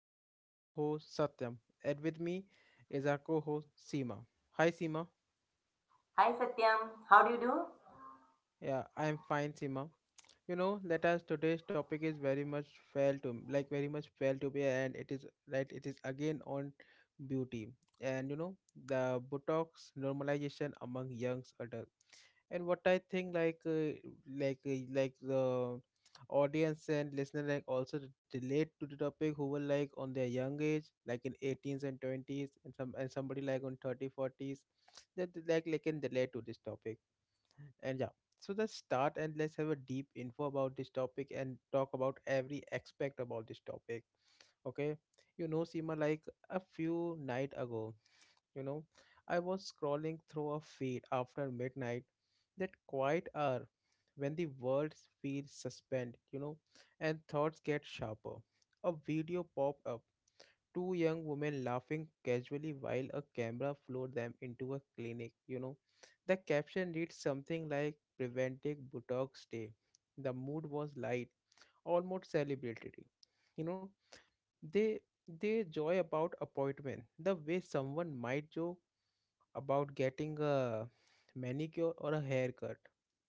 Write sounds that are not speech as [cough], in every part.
this is your host Satyam, and with me is our co-host Seema. Hi Seema. Hi Satyam, how do you do? Yeah, I am fine Seema. You know, let us today's topic is very much fail to like very much fail to be, and it is right. It is again on beauty, and you know the Botox normalization among young adult. And what I think like the audience and listener like also relate to the topic who were like on their young age like in 18s and 20s and some and somebody like on 30s 40s, that they, like can relate to this topic. And yeah, so let's start and let's have a deep info about this topic and talk about every aspect about this topic. Okay, you know Seema, like a few night ago, you know, I was scrolling through a feed after midnight, that quiet hour when the world feels suspended, you know, and thoughts get sharper. A video popped up, two young women laughing casually while a camera flew them into a clinic, you know. The caption reads something like preventing botox day. The mood was light, almost celebratory, you know. They they joy about appointment the way someone might joke about getting a manicure or a haircut,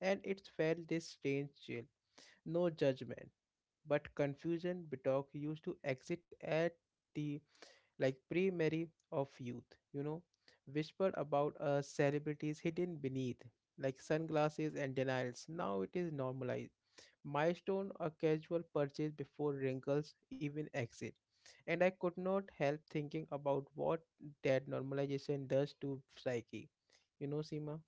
and it felt this strange chill. No judgment, but confusion. Bitok used to exit at the like primary of youth, you know, whispered about celebrities hidden beneath, like sunglasses and denials. Now it is normalized milestone a casual purchase before wrinkles even exit. And I could not help thinking about what that normalization does to psyche. You know, Seema?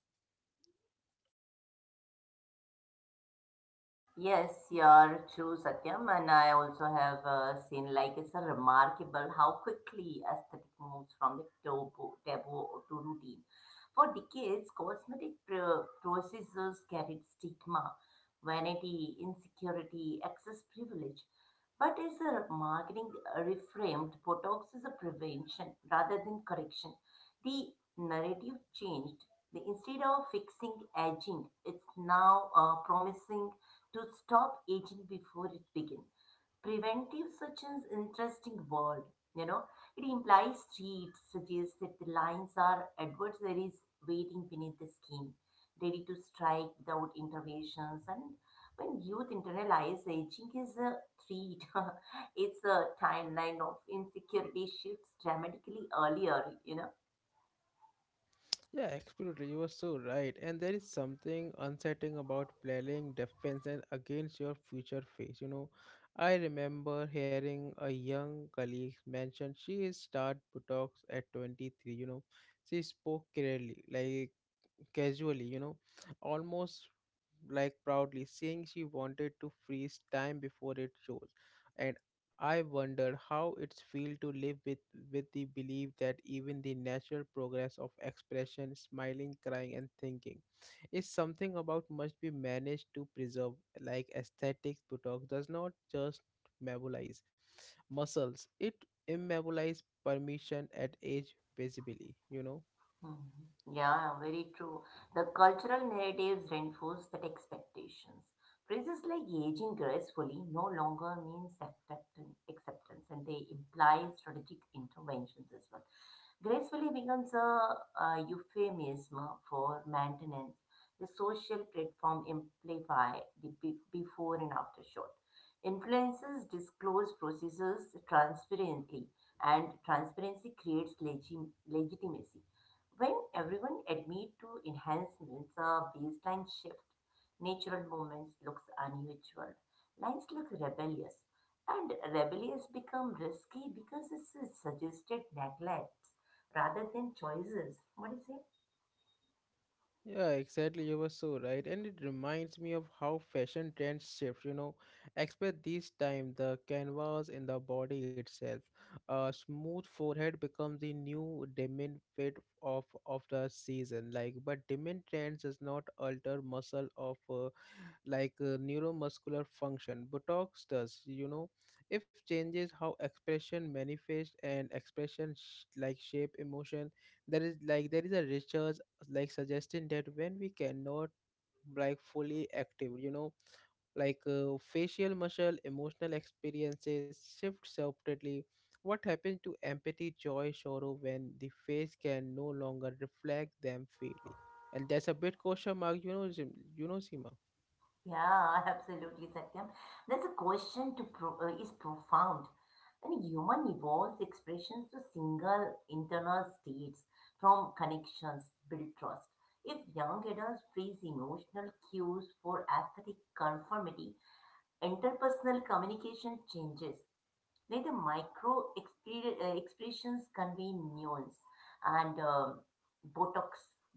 Yes, you're true, Satyam, and I also have seen like it's a remarkable how quickly aesthetic moves from the taboo, to routine. For decades, cosmetic procedures carried stigma, vanity, insecurity, excess privilege. But as a marketing reframed, Botox is a prevention rather than correction. The narrative changed. Instead of fixing aging, it's now promising to stop aging before it begins. Preventive such an interesting word, you know. It implies three, it suggests that the lines are adversaries waiting beneath the skin, ready to strike without interventions. And when youth internalize aging is a threat, [laughs] it's a timeline of insecurity shifts dramatically earlier, Yeah, yeah, absolutely. You were so right. And there is something unsettling about playing defense and against your future face. You know, I remember hearing a young colleague mention she is start Botox at 23. You know, she spoke clearly, like casually, you know, almost like proudly, saying she wanted to freeze time before it shows. And I wondered how it's feel to live with the belief that even the natural progress of expression, smiling, crying, and thinking is something about must be managed to preserve, like aesthetics Botox does not just metabolize muscles, it immobilize permission at age visibly, you know. Mhm. Yeah, very true. The cultural narratives reinforce that expectations. Phrases like aging gracefully no longer means acceptance, and they imply strategic interventions as well. Gracefully becomes a euphemism for maintenance. The social platform amplify the before and after shot. Influencers disclose processes transparently, and transparency creates legitimacy. When everyone admit to enhancements, a baseline shift, natural movements looks unusual. Lines look rebellious, and rebellious become risky because it's a suggested neglects rather than choices. What do you say? Yeah, exactly. You were so right. And it reminds me of how fashion trends shift, you know. Expect this time the canvas in the body itself. A smooth forehead becomes the new diamond fit of the season. Like, but diamond trends does not alter muscle of neuromuscular function. Botox does, you know, if changes how expression manifests and expression like shape emotion. There is a research like suggesting that when we cannot like fully active, you know, facial muscle, emotional experiences shift separately. What happens to empathy, joy, sorrow when the face can no longer reflect them freely? And that's a bit question mark, you know, Seema. Yeah, [laughs] absolutely, Satyam. That's a question to is profound. And human evolves expressions to single internal states from connections, build trust. If young adults freeze emotional cues for aesthetic conformity, interpersonal communication changes where the micro expressions convey nuance and botox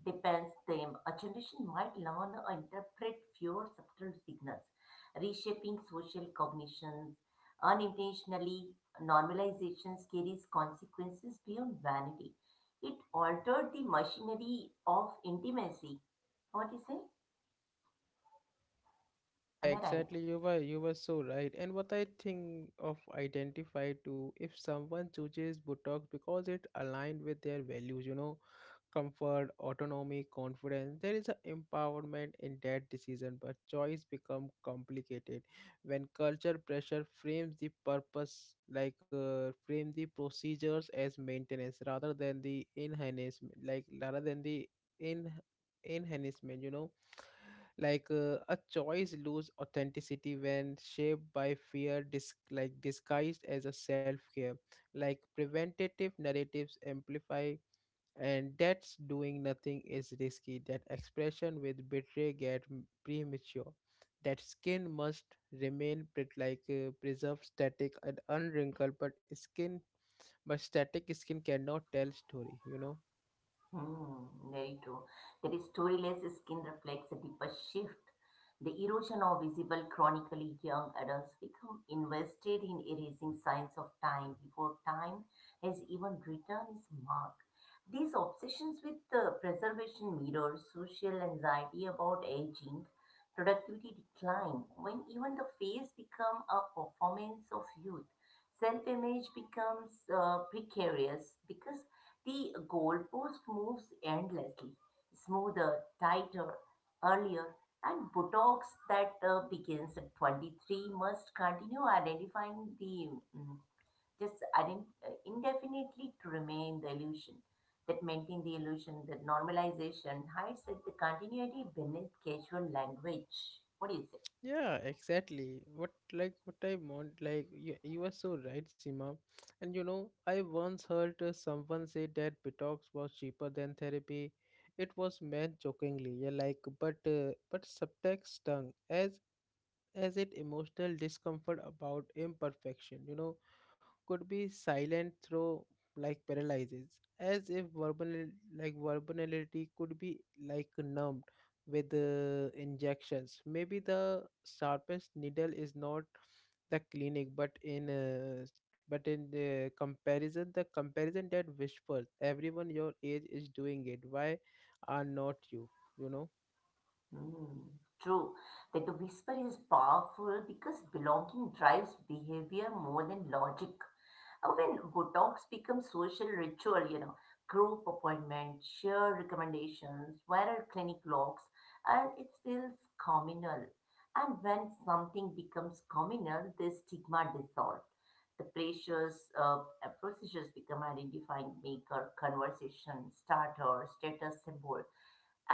depends them. A generation might learn or interpret fewer subtle signals reshaping social cognitions unintentionally. Normalization carries consequences beyond vanity. It altered the machinery of intimacy. What do you say? Yeah, Am I right? exactly. You were so right. And what I think of identify too, if someone chooses Botox because it aligned with their values, you know, comfort, autonomy, confidence, there is an empowerment in that decision. But choice become complicated when culture pressure frames the purpose, frame the procedures as maintenance rather than the enhancement, like rather than the in enhancement. You know, a choice lose authenticity when shaped by fear like disguised as a self-care, like preventative narratives amplify, and that's doing nothing is risky, that expression with betray get premature, that skin must remain preserved static and unwrinkled, but skin, but static skin cannot tell story, you know. Hmm, very true. That is storyless skin reflects a deeper shift. The erosion of visible chronically young adults become invested in erasing signs of time before time has even written its mark. These obsessions with the preservation mirrors social anxiety about aging, productivity decline, when even the face become a performance of youth. Self image becomes precarious because the goalpost moves endlessly, smoother, tighter, earlier, and Botox that begins at 23 must continue identifying the mm, just indefinitely to remain the illusion that maintain the illusion that normalization hides at the continuity beneath casual language. What do you say? Yeah, exactly. What like what I want like You are so right, Seema. And you know, I once heard someone say that Botox was cheaper than therapy. It was meant jokingly, yeah, like but subtext stung as it emotional discomfort about imperfection. You know, could be silent through like paralyzes, as if verbal like verbality could be like numbed with injections. Maybe the sharpest needle is not the clinic, but in the comparison that whispers, everyone your age is doing it. Why are not you? You know. Hmm, true. That the whisper is powerful because belonging drives behavior more than logic. When Botox becomes social ritual, you know, group appointments, share recommendations, viral clinic logs, and it feels communal. And when something becomes communal, the stigma dissolves. The pressures, procedures become identifying maker, conversation starter, status symbol,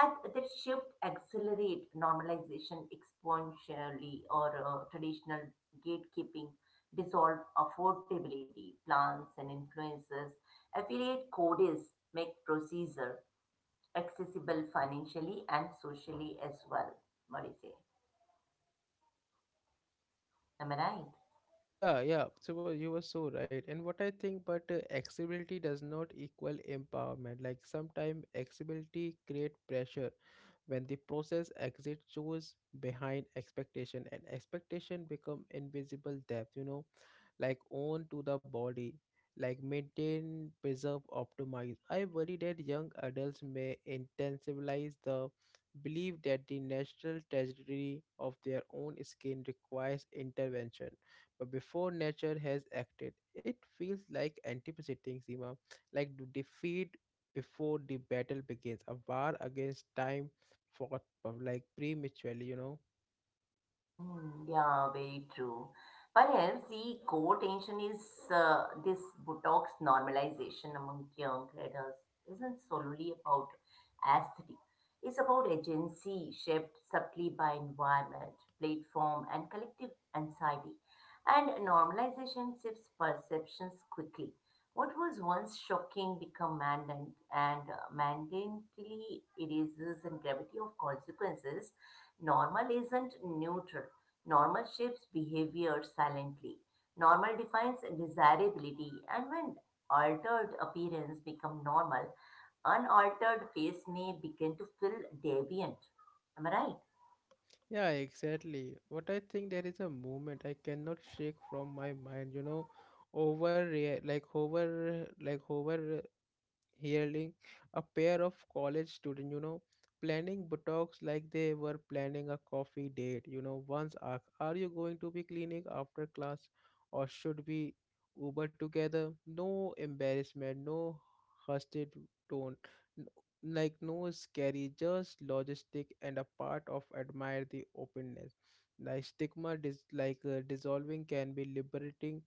and that shift accelerate normalization exponentially or traditional gatekeeping dissolve affordability, plans and influences, affiliate codes make procedure accessible financially and socially as well. What do you say? Am I right? Yeah, yeah. So well, you were so right. And what I think, but accessibility does not equal empowerment. Like sometimes accessibility create pressure when the process exit shows behind expectation, and expectation become invisible depth. You know, like own to the body, like maintain, preserve, optimize. I worry that young adults may intensivize the belief that the natural trajectory of their own skin requires intervention but before nature has acted. It feels like anticipating Seema, defeat before the battle begins, a war against time fought but like prematurely, you know. Hmm, yeah, very true. Perhaps the core tension is this Botox normalization among young adults isn't solely about aesthetic. It's about agency shaped subtly by environment, platform, and collective anxiety. And normalization shifts perceptions quickly. What was once shocking becomes mandant and mandatorily erases the gravity of consequences. Normal isn't neutral. Normal shapes behavior silently. Normal defines desirability, and when altered appearance become normal, unaltered face may begin to feel deviant. Am I right? Yeah, exactly. What I think there is a movement I cannot shake from my mind, you know, over like hover hearing a pair of college students, you know, planning buttocks like they were planning a coffee date. You know, once asked, are you going to be cleaning after class or should we Uber together? No embarrassment, no hushed tone, n- like no scary, just logistic and a part of admire the openness. Like stigma, dissolving can be liberating,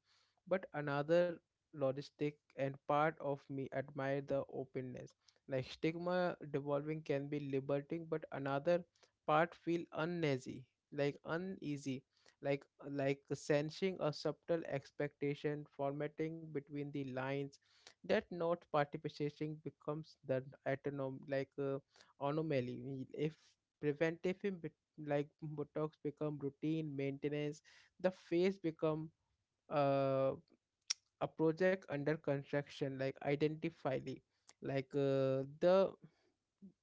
but another logistic and part of me admire the openness, like stigma devolving can be liberating but another part feel uneasy, like uneasy like like sensing a subtle expectation formatting between the lines that not participating becomes the autonom like anomaly. If preventive like botox become routine maintenance, the face become uh, a project under construction, like identifyly, like uh, the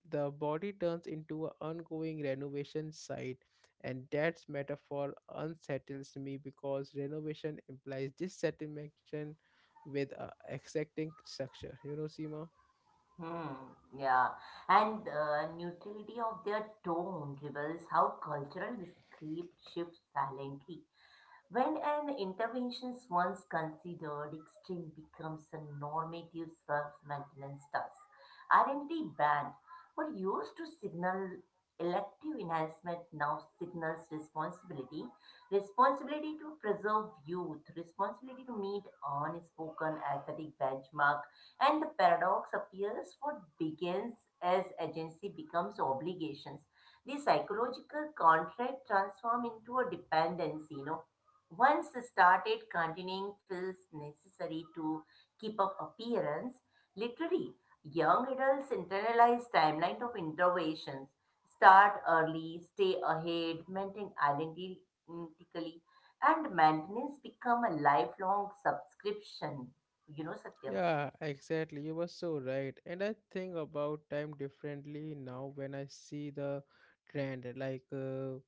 the body turns into an ongoing renovation site, and that metaphor unsettles me because renovation implies dissatisfaction with exacting structure, you know Seema. Hmm. Yeah. And the neutrality of their tone reveals how cultural script shifts silently. When an intervention is once considered, extreme becomes a normative self-maintenance task. Identity band, what used to signal elective enhancement now signals responsibility. Responsibility to preserve youth, responsibility to meet unspoken aesthetic benchmark. And the paradox appears what begins as agency becomes obligations. The psychological contract transform into a dependency, you know once started, continuing feels necessary to keep up appearance. Literally, young adults internalize timeline of interventions. Start early, stay ahead, maintain identically, and maintenance become a lifelong subscription. You know, Satyam. Yeah exactly, you were so right, and I think about time differently now when I see the trend,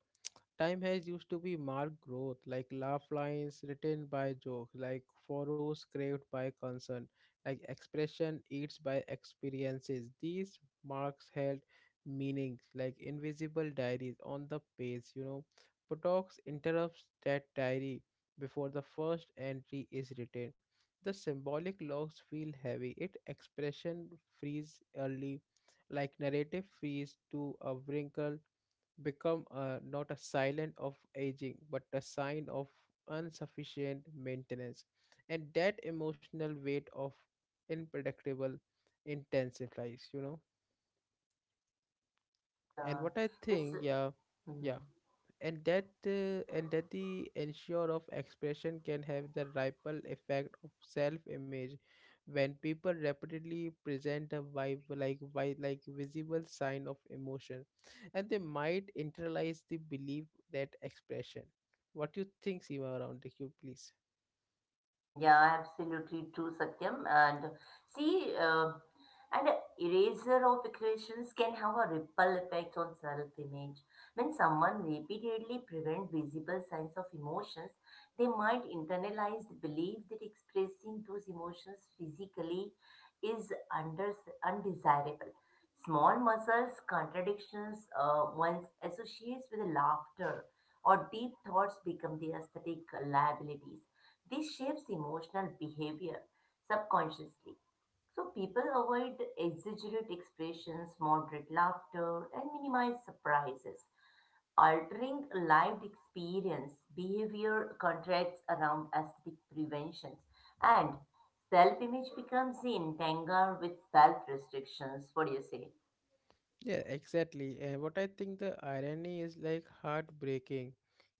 time has used to be marked growth, like laugh lines written by joke, like furrows craved by concern, like expression eats by experiences. These marks held meanings, like invisible diaries on the page, you know. Potox interrupts that diary before the first entry is written. The symbolic logs feel heavy. It expression freeze early, like narrative freeze to a wrinkle become a not a silent of aging but a sign of insufficient maintenance, and that emotional weight of unpredictable intensifies, you know. And Yeah, what I it's. think, yeah, Hmm. yeah. And that uh, and that the ensure of expression can have the ripple effect of self-image when people repeatedly present a vibe like visible sign of emotion, and they might internalize the belief that expression. What do you think Seema around the cube please? Yeah, absolutely true, Satyam. And see, and a erasure of equations can have a ripple effect on self-image. When someone repeatedly prevents visible signs of emotions, they might internalize the belief that expressing those emotions physically is under, undesirable. Small muscles, contradictions one associates with laughter or deep thoughts become the aesthetic liabilities. This shapes emotional behavior subconsciously. So people avoid exaggerate expressions, moderate laughter, and minimize surprises. Altering lived experience, behavior contracts around aesthetic preventions, and self image becomes entangled with self restrictions. What do you say? Yeah, exactly. And what I think the irony is like heartbreaking.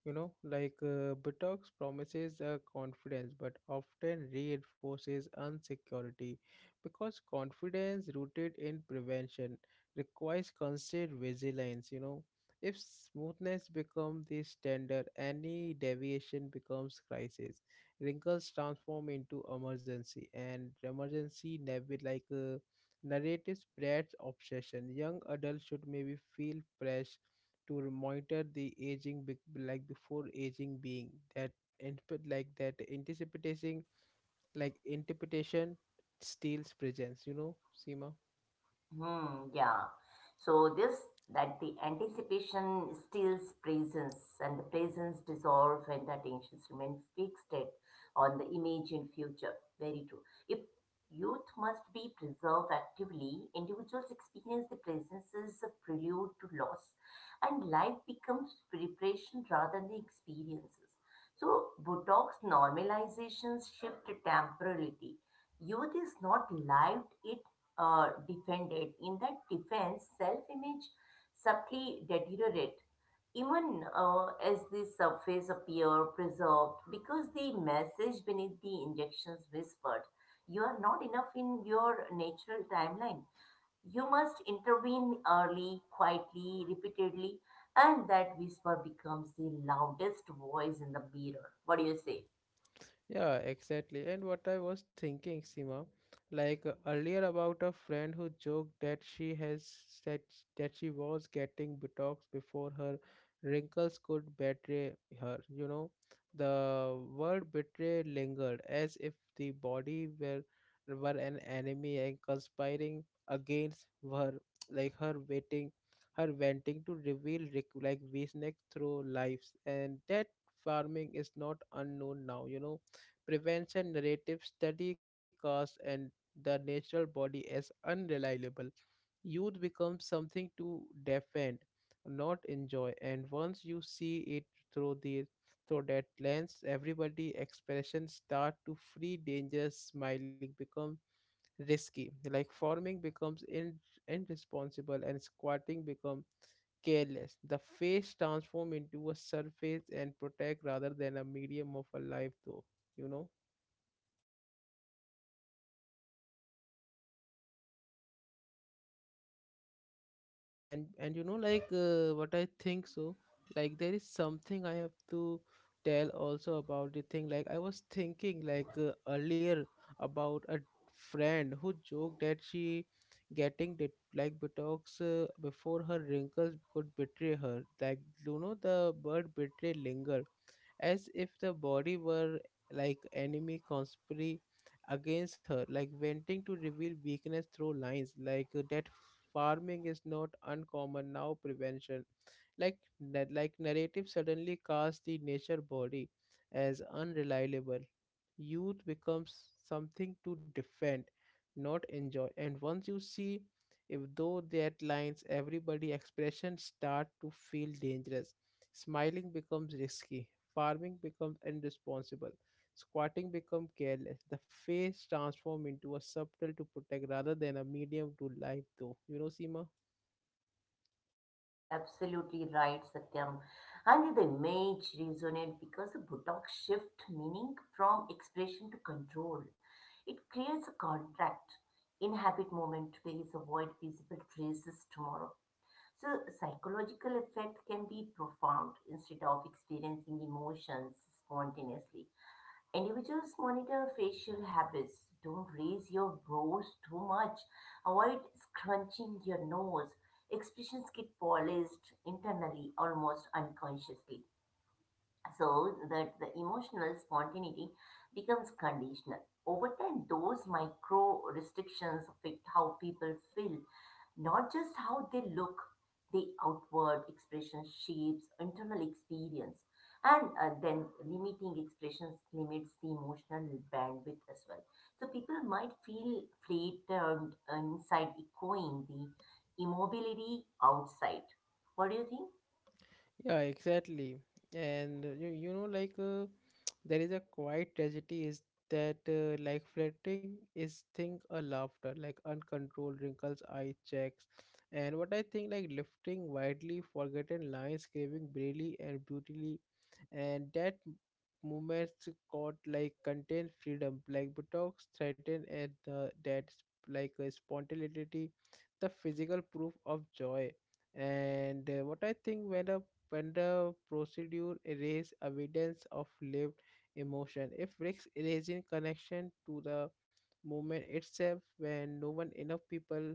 You know, Botox promises confidence but often reinforces insecurity because confidence rooted in prevention requires constant vigilance. You know, if smoothness becomes the standard, any deviation becomes crisis. Wrinkles transform into emergency, and emergency never narratives Brad's obsession. Young adults should maybe feel pressure to monitor the aging like before aging being that, and put like that anticipating like interpretation steals presence, you know, Seema? Hmm, yeah. So this that the anticipation steals presence and the presence dissolve and the attentions remain fixated on the imagined future. Very true. If youth must be preserved actively, individuals experience the presence as a prelude to loss and life becomes preparation rather than the experiences. So Botox normalizations shift temporality. Youth is not lived, it defended. In that defense, self-image subtly deteriorate even as the surface appear preserved because the message beneath the injections whispered you are not enough in your natural timeline. You must intervene early, quietly, repeatedly, and that whisper becomes the loudest voice in the mirror. What do you say? Yeah, exactly. And what I was thinking, Sima, earlier about a friend who joked that she has said that she was getting Botox before her wrinkles could betray her. You know, the word betray lingered as if the body were an enemy and conspiring against her, [tsk] like her waiting, her wanting to reveal like weakness through lives, and that farming is not unknown now. You know prevention narrative study costs and the natural body as unreliable. Youth becomes something to defend, not enjoy. And once you see it through the through that lens, everybody expressions start to free dangerous smiling become risky. Like forming becomes irresponsible and squatting become careless. The face transform into a surface and protect rather than a medium of a life though, you know. And you know what I think, so, like there is something I have to tell also about the thing, like I was thinking earlier about a friend who joked that she getting like botox before her wrinkles could betray her, like, you know, the word betray linger as if the body were like enemy conspiring against her, like wanting to reveal weakness through lines, that farming is not uncommon now, prevention like narrative suddenly casts the nature body as unreliable. Youth becomes something to defend, not enjoy, and once you see if though that lines everybody expression start to feel dangerous, smiling becomes risky, farming becomes irresponsible, squatting become careless. The face transform into a subtle to protect rather than a medium to life though, you know Seema. You're absolutely right, Satyam. And the image resonates because the Botox shift meaning from expression to control. It creates a contract. Inhabit moment today is avoid visible traces tomorrow. So psychological effect can be profound instead of experiencing emotions spontaneously. Individuals monitor facial habits. Don't raise your brows too much. Avoid scrunching your nose. Expressions get polished internally, almost unconsciously, so that the emotional spontaneity becomes conditional. Over time, those micro restrictions affect how people feel not just how they look, the outward expression shapes internal experience. And then limiting expressions limits the emotional bandwidth as well. So people might feel flattened inside, echoing the immobility outside. What do you think? Yeah, exactly. And [tsk] There is a quiet tragedy is that like flirting is thing a laughter, like uncontrolled wrinkles, eye checks, and what I think like lifting widely forgotten lines, craving brilliantly and beautifully, and moments caught like contain freedom, like buttocks threaten at like spontaneity, the physical proof of joy and what I think when the procedure erase evidence of lived emotion. It risks erasing connection to the movement itself when no one enough people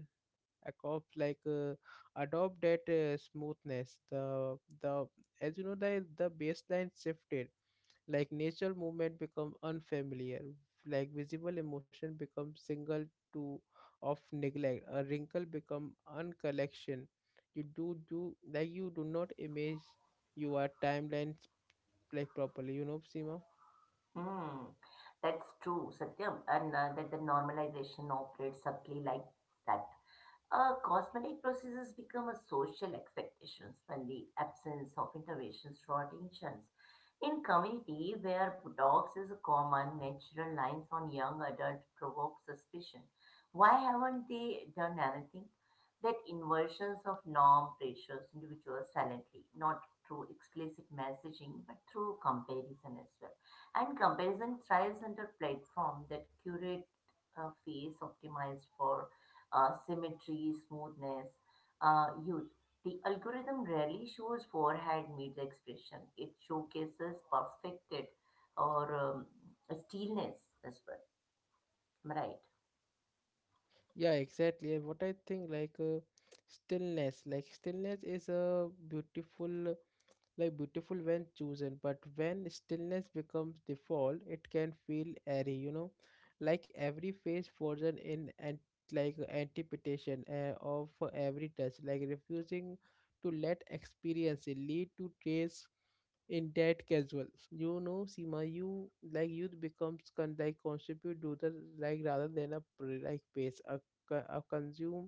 adopt like uh, adopt that smoothness. The As you know, the baseline shifted, like natural movement become unfamiliar, like visible emotion become single to of neglect, a wrinkle become uncollection. You do do like you do not image your timelines like properly, you know, Seema. Hmm. That's true, Satyam, and that the normalization operates subtly like that. Cosmetic procedures become a social expectations when the absence of interventions draw attentions. In community where Botox is a common, natural lines on young adult provoke suspicion. Why haven't they done anything? That inversions of norm pressures individuals silently, not through explicit messaging, but through comparison as well. And comparison thrives under platform that curate a face optimized for symmetry, smoothness. Youth. The algorithm rarely shows forehead mid expression. It showcases perfected or stillness as well. Am I right? Yeah, exactly. And what I think like stillness is a beautiful like beautiful when chosen, but when stillness becomes default it can feel airy, you know, like every face frozen in and like anticipation of every touch, like refusing to let experience lead to trace in that casual, you know, Seema. You like youth becomes contribute to the, like rather than a pace a, consume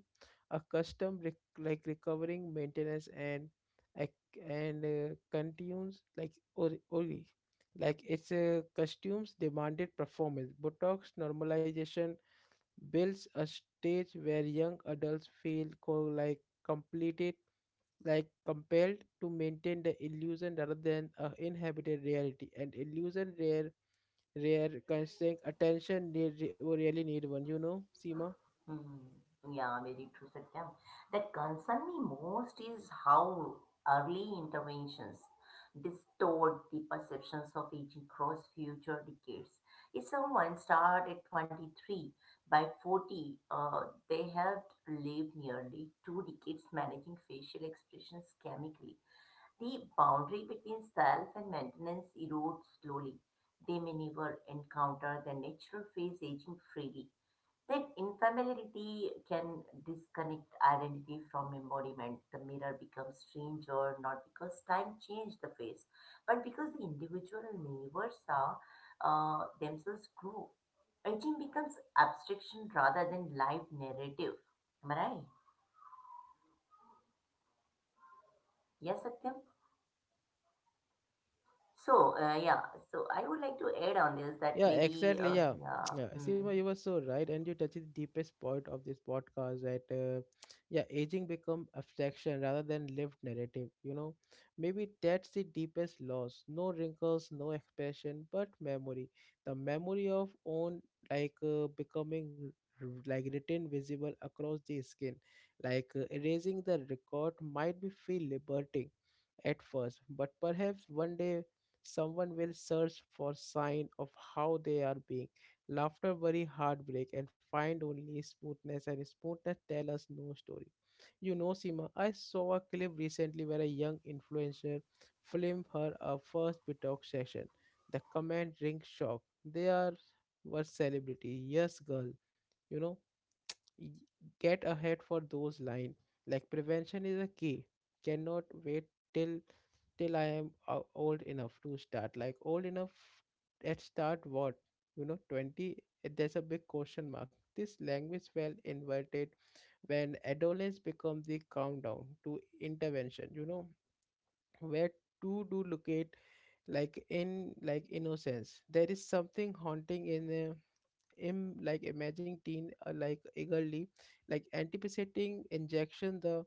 a custom recovering maintenance and continues like ori. Like its costumes demanded performance. Botox normalization builds a stage where young adults feel completed, like compelled to maintain the illusion rather than a inhabited reality. And illusion rare constraint attention they really need one. You know, Seema. Hmm. Yeah, very true, Satyam. That concern me most is how early interventions distort the perceptions of aging across future decades. If someone started at 23, by 40, they have lived nearly 2 decades managing facial expressions chemically. The boundary between self and maintenance erodes slowly. They may never encounter their natural face aging freely. When infamiliarity can disconnect identity from embodiment, the mirror becomes stranger not because time changed the face, but because the individual never saw themselves grow. Aging becomes abstraction rather than live narrative. Am I right? Yes, Satyam? So, yeah, so I would like to add on this that Yeah, maybe, exactly. Yeah. [tsk] yeah, Yeah, hmm. Sima, you were so right, and you touched the deepest point of this podcast that, [tsk] yeah, aging become abstraction rather than lived narrative. You know, maybe that's the deepest loss. No wrinkles, no expression, but memory. The memory of own like becoming written visible across the skin, like erasing the record might be feel liberating, at first, but perhaps one day someone will search for sign of how they are being. Laughter, worry, heartbreak, and find only smoothness, and smoothness tell us no story. You know, Sima. I saw a clip recently where a young influencer filmed her a first BTOC session. The comment rings shock. They are were celebrity. Yes, girl. You know y- get ahead for those line, like prevention is a key, cannot wait till till I am old enough to start, like old enough at start what, you know, 20. There's a big question mark, this language well inverted. When adolescence become the countdown to intervention, you know, where to do locate, like in like innocence there is something haunting in a Im, like imagine teen like eagerly like anticipating injection, the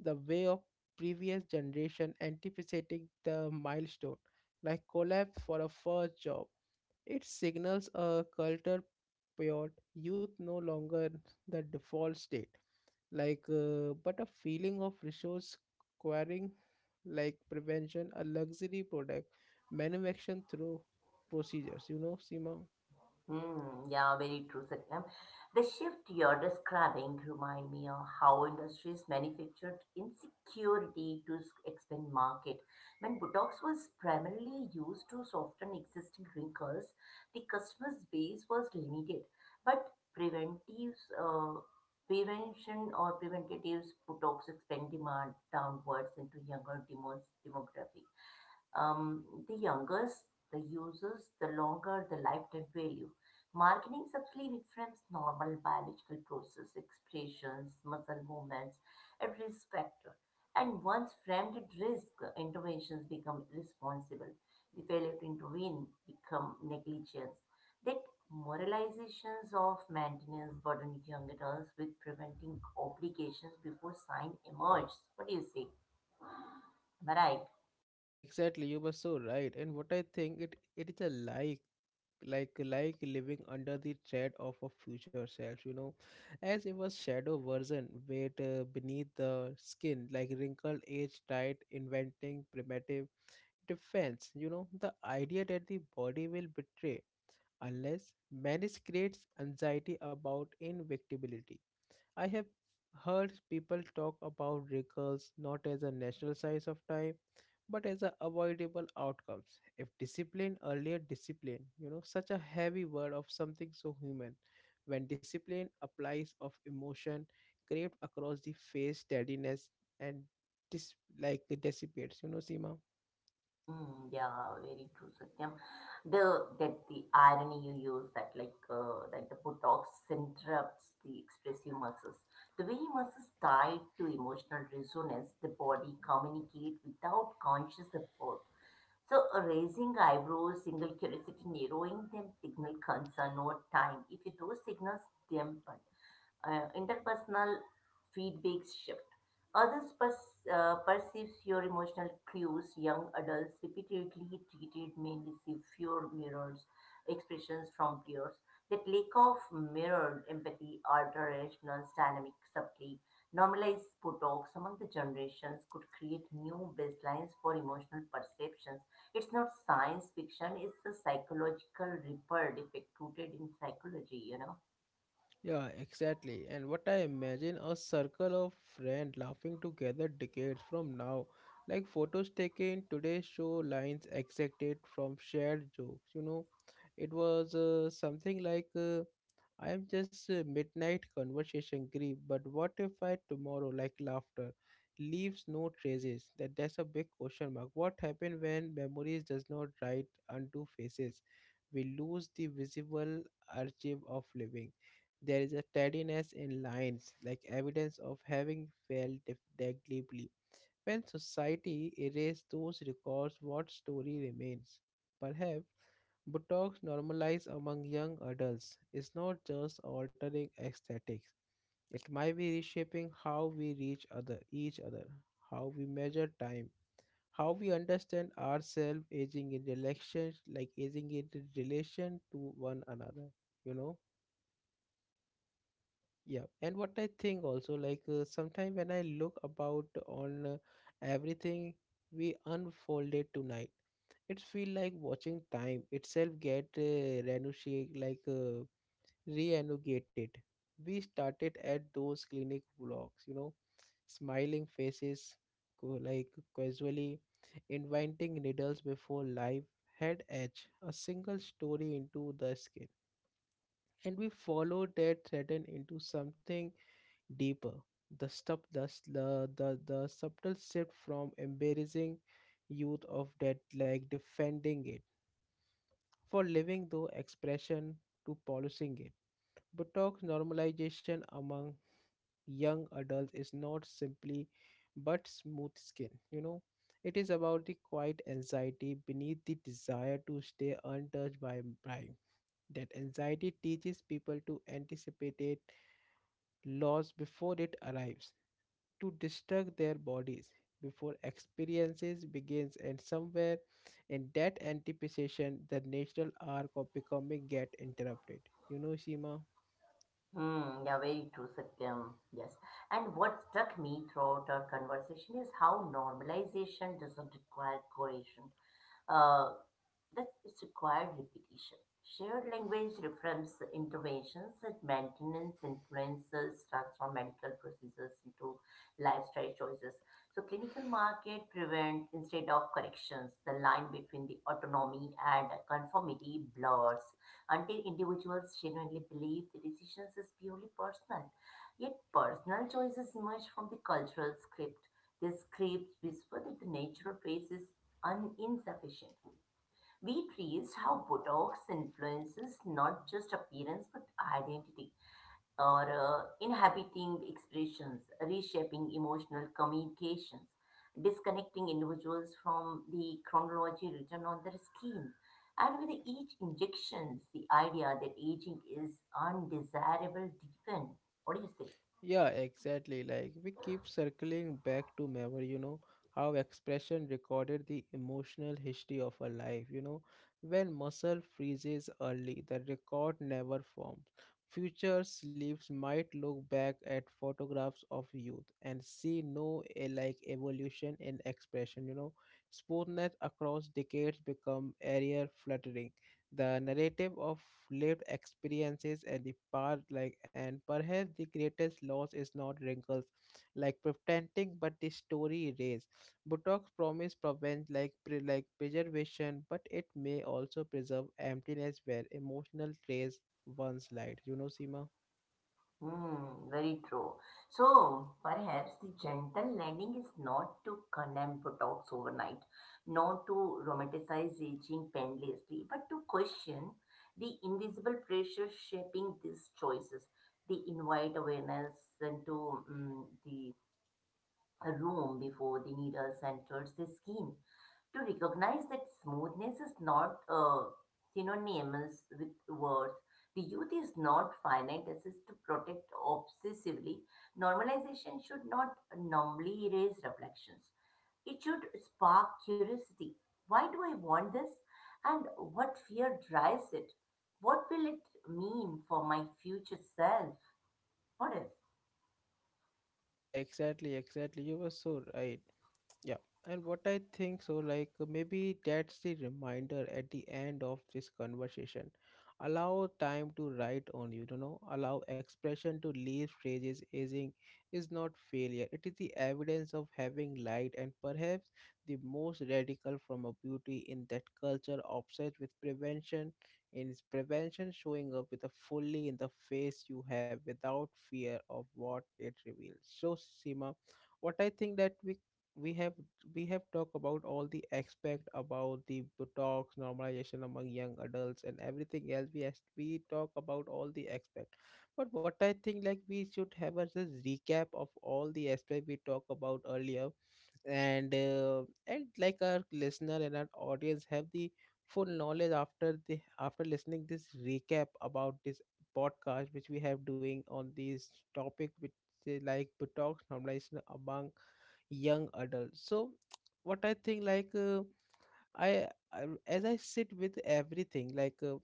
the way of previous generation anticipating the milestone like collapse for a first job. It signals a culture pure youth no longer the default state, like but a feeling of resource acquiring, like prevention a luxury product manufactured through procedures, you know, Sima. Hmm, yeah, very true, Satyam. The shift you're describing remind me of how industries manufactured insecurity to expand market. When Botox was primarily used to soften existing wrinkles, the customer's base was limited. But preventives, prevention or preventatives, Botox expand demand downwards into younger demos demographic. The younger the users, the longer the lifetime value. Marketing subtly reframes normal biological process, expressions, muscle movements, and risk factor. And once framed at risk, interventions become responsible. The failure to intervene become negligence. That moralizations of maintenance burden young adults with preventing obligations before sign emerges. What do you say? Am I right? Yeah, exactly. You were so right. And what I think it is a like living under the tread of a future self, you know, as it was shadow version, weight beneath the skin, like wrinkled, age tight, inventing primitive defense. You know, the idea that the body will betray unless marriage creates anxiety about invictibility. I have heard people talk about wrinkles not as a natural size of time but as a avoidable outcomes if discipline, earlier discipline. You know, such a heavy word of something so human, when discipline applies of emotion craved across the face steadiness and dissipates, you know, Seema. Hmm, yeah, very true, Satyam. The That the irony you use that like that the Botox interrupts the expressive muscles. The way muscles tied to emotional resonance, the body communicate without conscious effort. So raising eyebrows, single curiosity, narrowing them signal concern or time. If you do signals dampen interpersonal feedback shift. Others perceives your emotional cues. Young adults repeatedly treated may receive fewer mirrors expressions from peers. That lack of mirrored empathy alters dynamic subtly. Normalized talks among the generations could create new baselines for emotional perceptions. It's not science fiction, it's a psychological ripple effect rooted in psychology, you know. Yeah, exactly. And what I imagine a circle of friends laughing together decades from now. Like photos taken today show lines exacted from shared jokes. You know, it was something like I am just a midnight conversation grief, but what if I tomorrow, like laughter, leaves no traces? That's a big question mark. What happened when memories does not write onto faces? We lose the visible archive of living. There is a steadiness in lines, like evidence of having failed deeply. When society erases those records, what story remains? Perhaps Botox normalized among young adults is not just altering aesthetics. It might be reshaping how we reach other each other, how we measure time, how we understand ourselves aging in relations, like aging in relation to one another, you know? Yeah, and what I think also, like sometime when I look about on everything we unfolded tonight, it feel like watching time itself get renegotiated. We started at those clinic vlogs, you know, smiling faces, co- like casually inviting needles before life had etched a single story into the skin, and we followed that thread into something deeper. The stuff, the, s- the subtle shift from embarrassing youth of death, like defending it for living though expression to polishing it. Botox normalization among young adults is not simply but smooth skin, you know. It is about the quiet anxiety beneath the desire to stay untouched by prime. That anxiety teaches people to anticipate loss before it arrives, to distract their bodies before experiences begins, and somewhere in that anticipation the natural arc of becoming get interrupted, you know, seema Hmm. Yeah, very true, Satyam. Yes. And what struck me throughout our conversation is how normalization doesn't require coercion. Uh. This is required repetition. Shared language reframes interventions and maintenance influences transform medical procedures into lifestyle choices. So clinical market prevent instead of corrections. The line between the autonomy and conformity blurs until individuals genuinely believe the decisions is purely personal. Yet personal choices emerge from the cultural script. These scripts whisper that the natural phase is insufficient. We traced how Botox influences not just appearance but identity, or inhabiting expressions, reshaping emotional communications, disconnecting individuals from the chronology written on their skin. And with each injection, the idea that aging is undesirable deepened. What do you say? Yeah, exactly. Like we keep circling back to memory, you know, how expression recorded the emotional history of a life, you know. When muscle freezes early, the record never forms. Future sleeps might look back at photographs of youth and see no evolution in expression, you know. Smoothness across decades become area fluttering the narrative of lived experiences, and the power like and perhaps the greatest loss is not wrinkles like pretending, but the story erase. Botox promise prevent preservation, but it may also preserve emptiness where emotional trace once light, you know, Sima. Hmm, very true. So perhaps the gentle landing is not to condemn Botox overnight, not to romanticize aging painlessly, but to question the invisible pressure shaping these choices. They invite awareness into mm the a room before the needles enters the skin to recognize that smoothness is not synonymous with worth. The youth is not finite as is to protect obsessively. Normalization should not numbly erase reflections. It should spark curiosity. Why do I want this? And what fear drives it? What will it mean for my future self? What if? Yeah, exactly, exactly, you were so right. Yeah, and what I think so, like maybe that's the reminder at the end of this conversation. Allow time to write on you, you know, allow expression to leave phrases. Aging is not failure. It is the evidence of having light, and perhaps the most radical from a beauty in that culture obsessed with prevention in its prevention showing up with a fully in the face you have without fear of what it reveals. So Sima, what I think that we have we have talked about all the aspect about the talks normalization among young adults and everything else we has, we talk about all the aspect. But what I think, like we should have as a recap of all the aspect we talked about earlier, and uh, and like our listener and our audience have the full knowledge after the after listening this recap about this podcast which we have doing on this topic, which is like detox normalization among young adults. So what I think, like I, I as I sit with everything, like uh,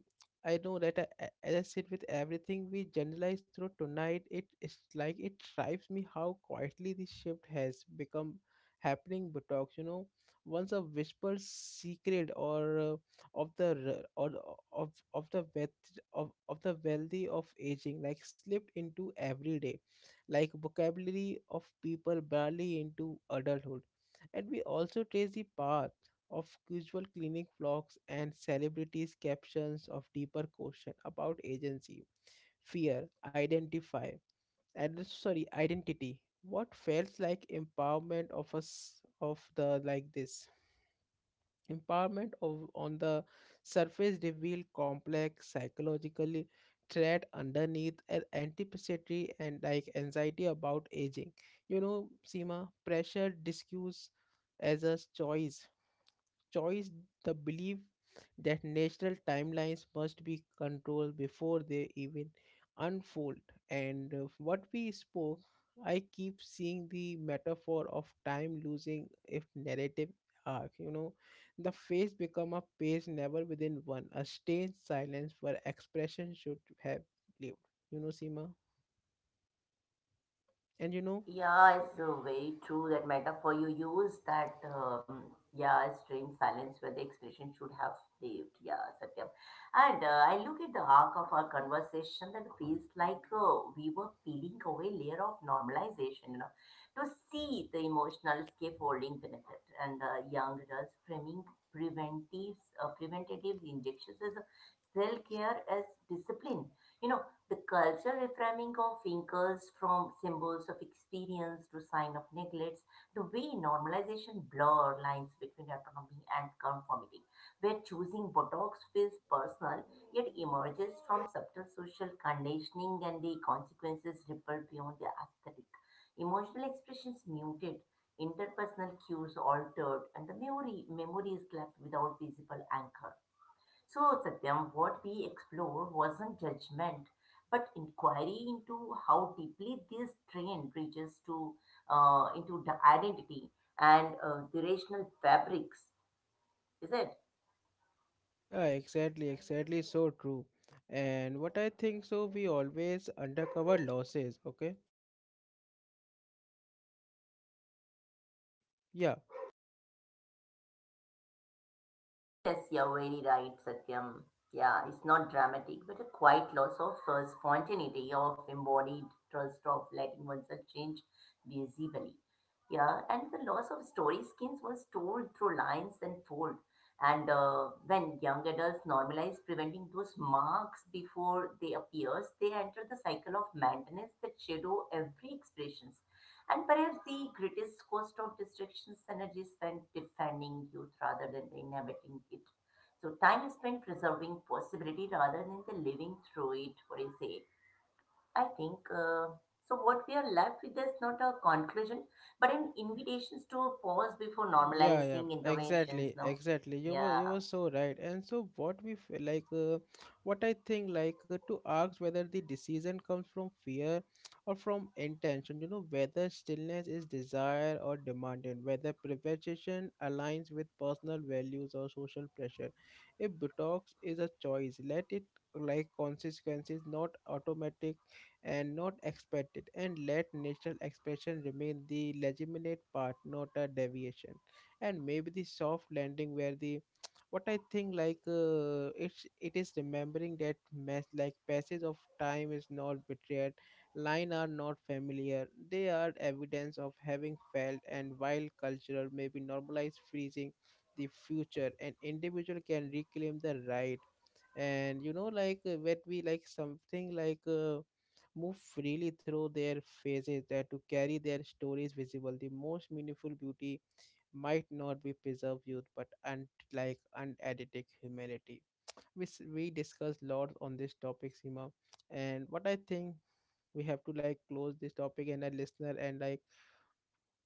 I know that as I sit with everything we generalize through tonight, it is like it drives me how quietly this shift has become happening. But talks, you know, once a whispered secret, or of the r- or of of the wealth of the wealthy of aging, like slipped into everyday, like vocabulary of people barely into adulthood. And we also trace the past of casual clinic vlogs and celebrities' captions of deeper question about agency, fear, identify, and sorry, identity. What feels like empowerment of us of the like this empowerment of on the surface revealed complex psychologically thread underneath an anticipatory and like anxiety about aging. You know, Seema, pressure discussed as a choice, the belief that national timelines must be controlled before they even unfold. And what we spoke, I keep seeing the metaphor of time losing if narrative arc. You know, the face become a page never within one, a strange silence where expression should have lived. You know, Seema? And you know, Yeah, it's very true that metaphor you use that yeah, strange silence where the expression should have lived. Yeah, Satyam. And I look at the arc of our conversation that feels like we were peeling away layer of normalization, you know, to see the emotional scaffolding benefit and young adults framing preventives, preventative injections as self care as discipline. You know the culture reframing of thinkers from symbols of experience to sign of neglects, the way normalization blur lines between autonomy and conformity, where choosing Botox feels personal yet emerges from subtle social conditioning and the consequences ripple beyond the aesthetic. Emotional expressions muted, interpersonal cues altered, and the memory is left without visible anchor. So, Satyam, what we explored wasn't judgment, but inquiry into how deeply this trend reaches to into the identity and the rational fabrics, is it? yeah, exactly, exactly, so true. And what I think so, we always undercover losses, okay? Yeah. Yes, you're very right, Satyam. Yeah, it's not dramatic, but a quiet loss of spontaneity, of embodied trust, of letting oneself change visibly. Yeah, and the loss of story skins was told through lines and fold. And when young adults normalize preventing those marks before they appears, they enter the cycle of maintenance that shadow every expression. And perhaps the greatest cost of distraction is energy spent defending youth rather than inhabiting it. So time is spent preserving possibility rather than the living through it, what do you say? I think so. What we are left with is not a conclusion, but an invitations to pause before Yeah, yeah, normalizing exactly, interventions. No, exactly. You were yeah, you were so right. And so what we what I think like to ask whether the decision comes from fear or from intention. You know, whether stillness is desire or demanded, whether privation aligns with personal values or social pressure. If detox is a choice, let it like consequences not automatic and not expected, and let natural expression remain the legitimate part, not a deviation. And maybe the soft landing where the [tsk] what I think like it is remembering that mess, like passage of time is not betrayed, line are not familiar, they are evidence of having felt. And while cultural maybe normalize freezing the future, an individual can reclaim the right. And you know, like when we like something like move freely through their faces, that to carry their stories visible, the most meaningful beauty might not be preserve youth but unedited humanity. We we discussed lot on this topic, Sima. And what I think, we have to like close this topic, and a listener and like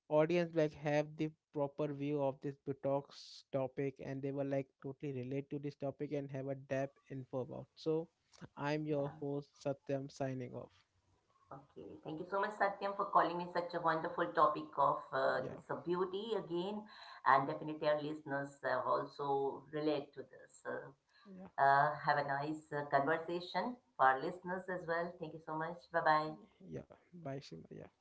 audience like have the proper view of this Botox topic, and they will like totally relate to this topic and have a depth info about. So I'm your yeah. host, Satyam, signing off. Okay, thank you so much, Satyam, for calling me such a wonderful topic of Yeah. this beauty again. And definitely, our listeners also relate to this. So, Yeah. Have a nice conversation for our listeners as well. Thank you so much. Bye bye. Yeah, bye, Shima. Yeah.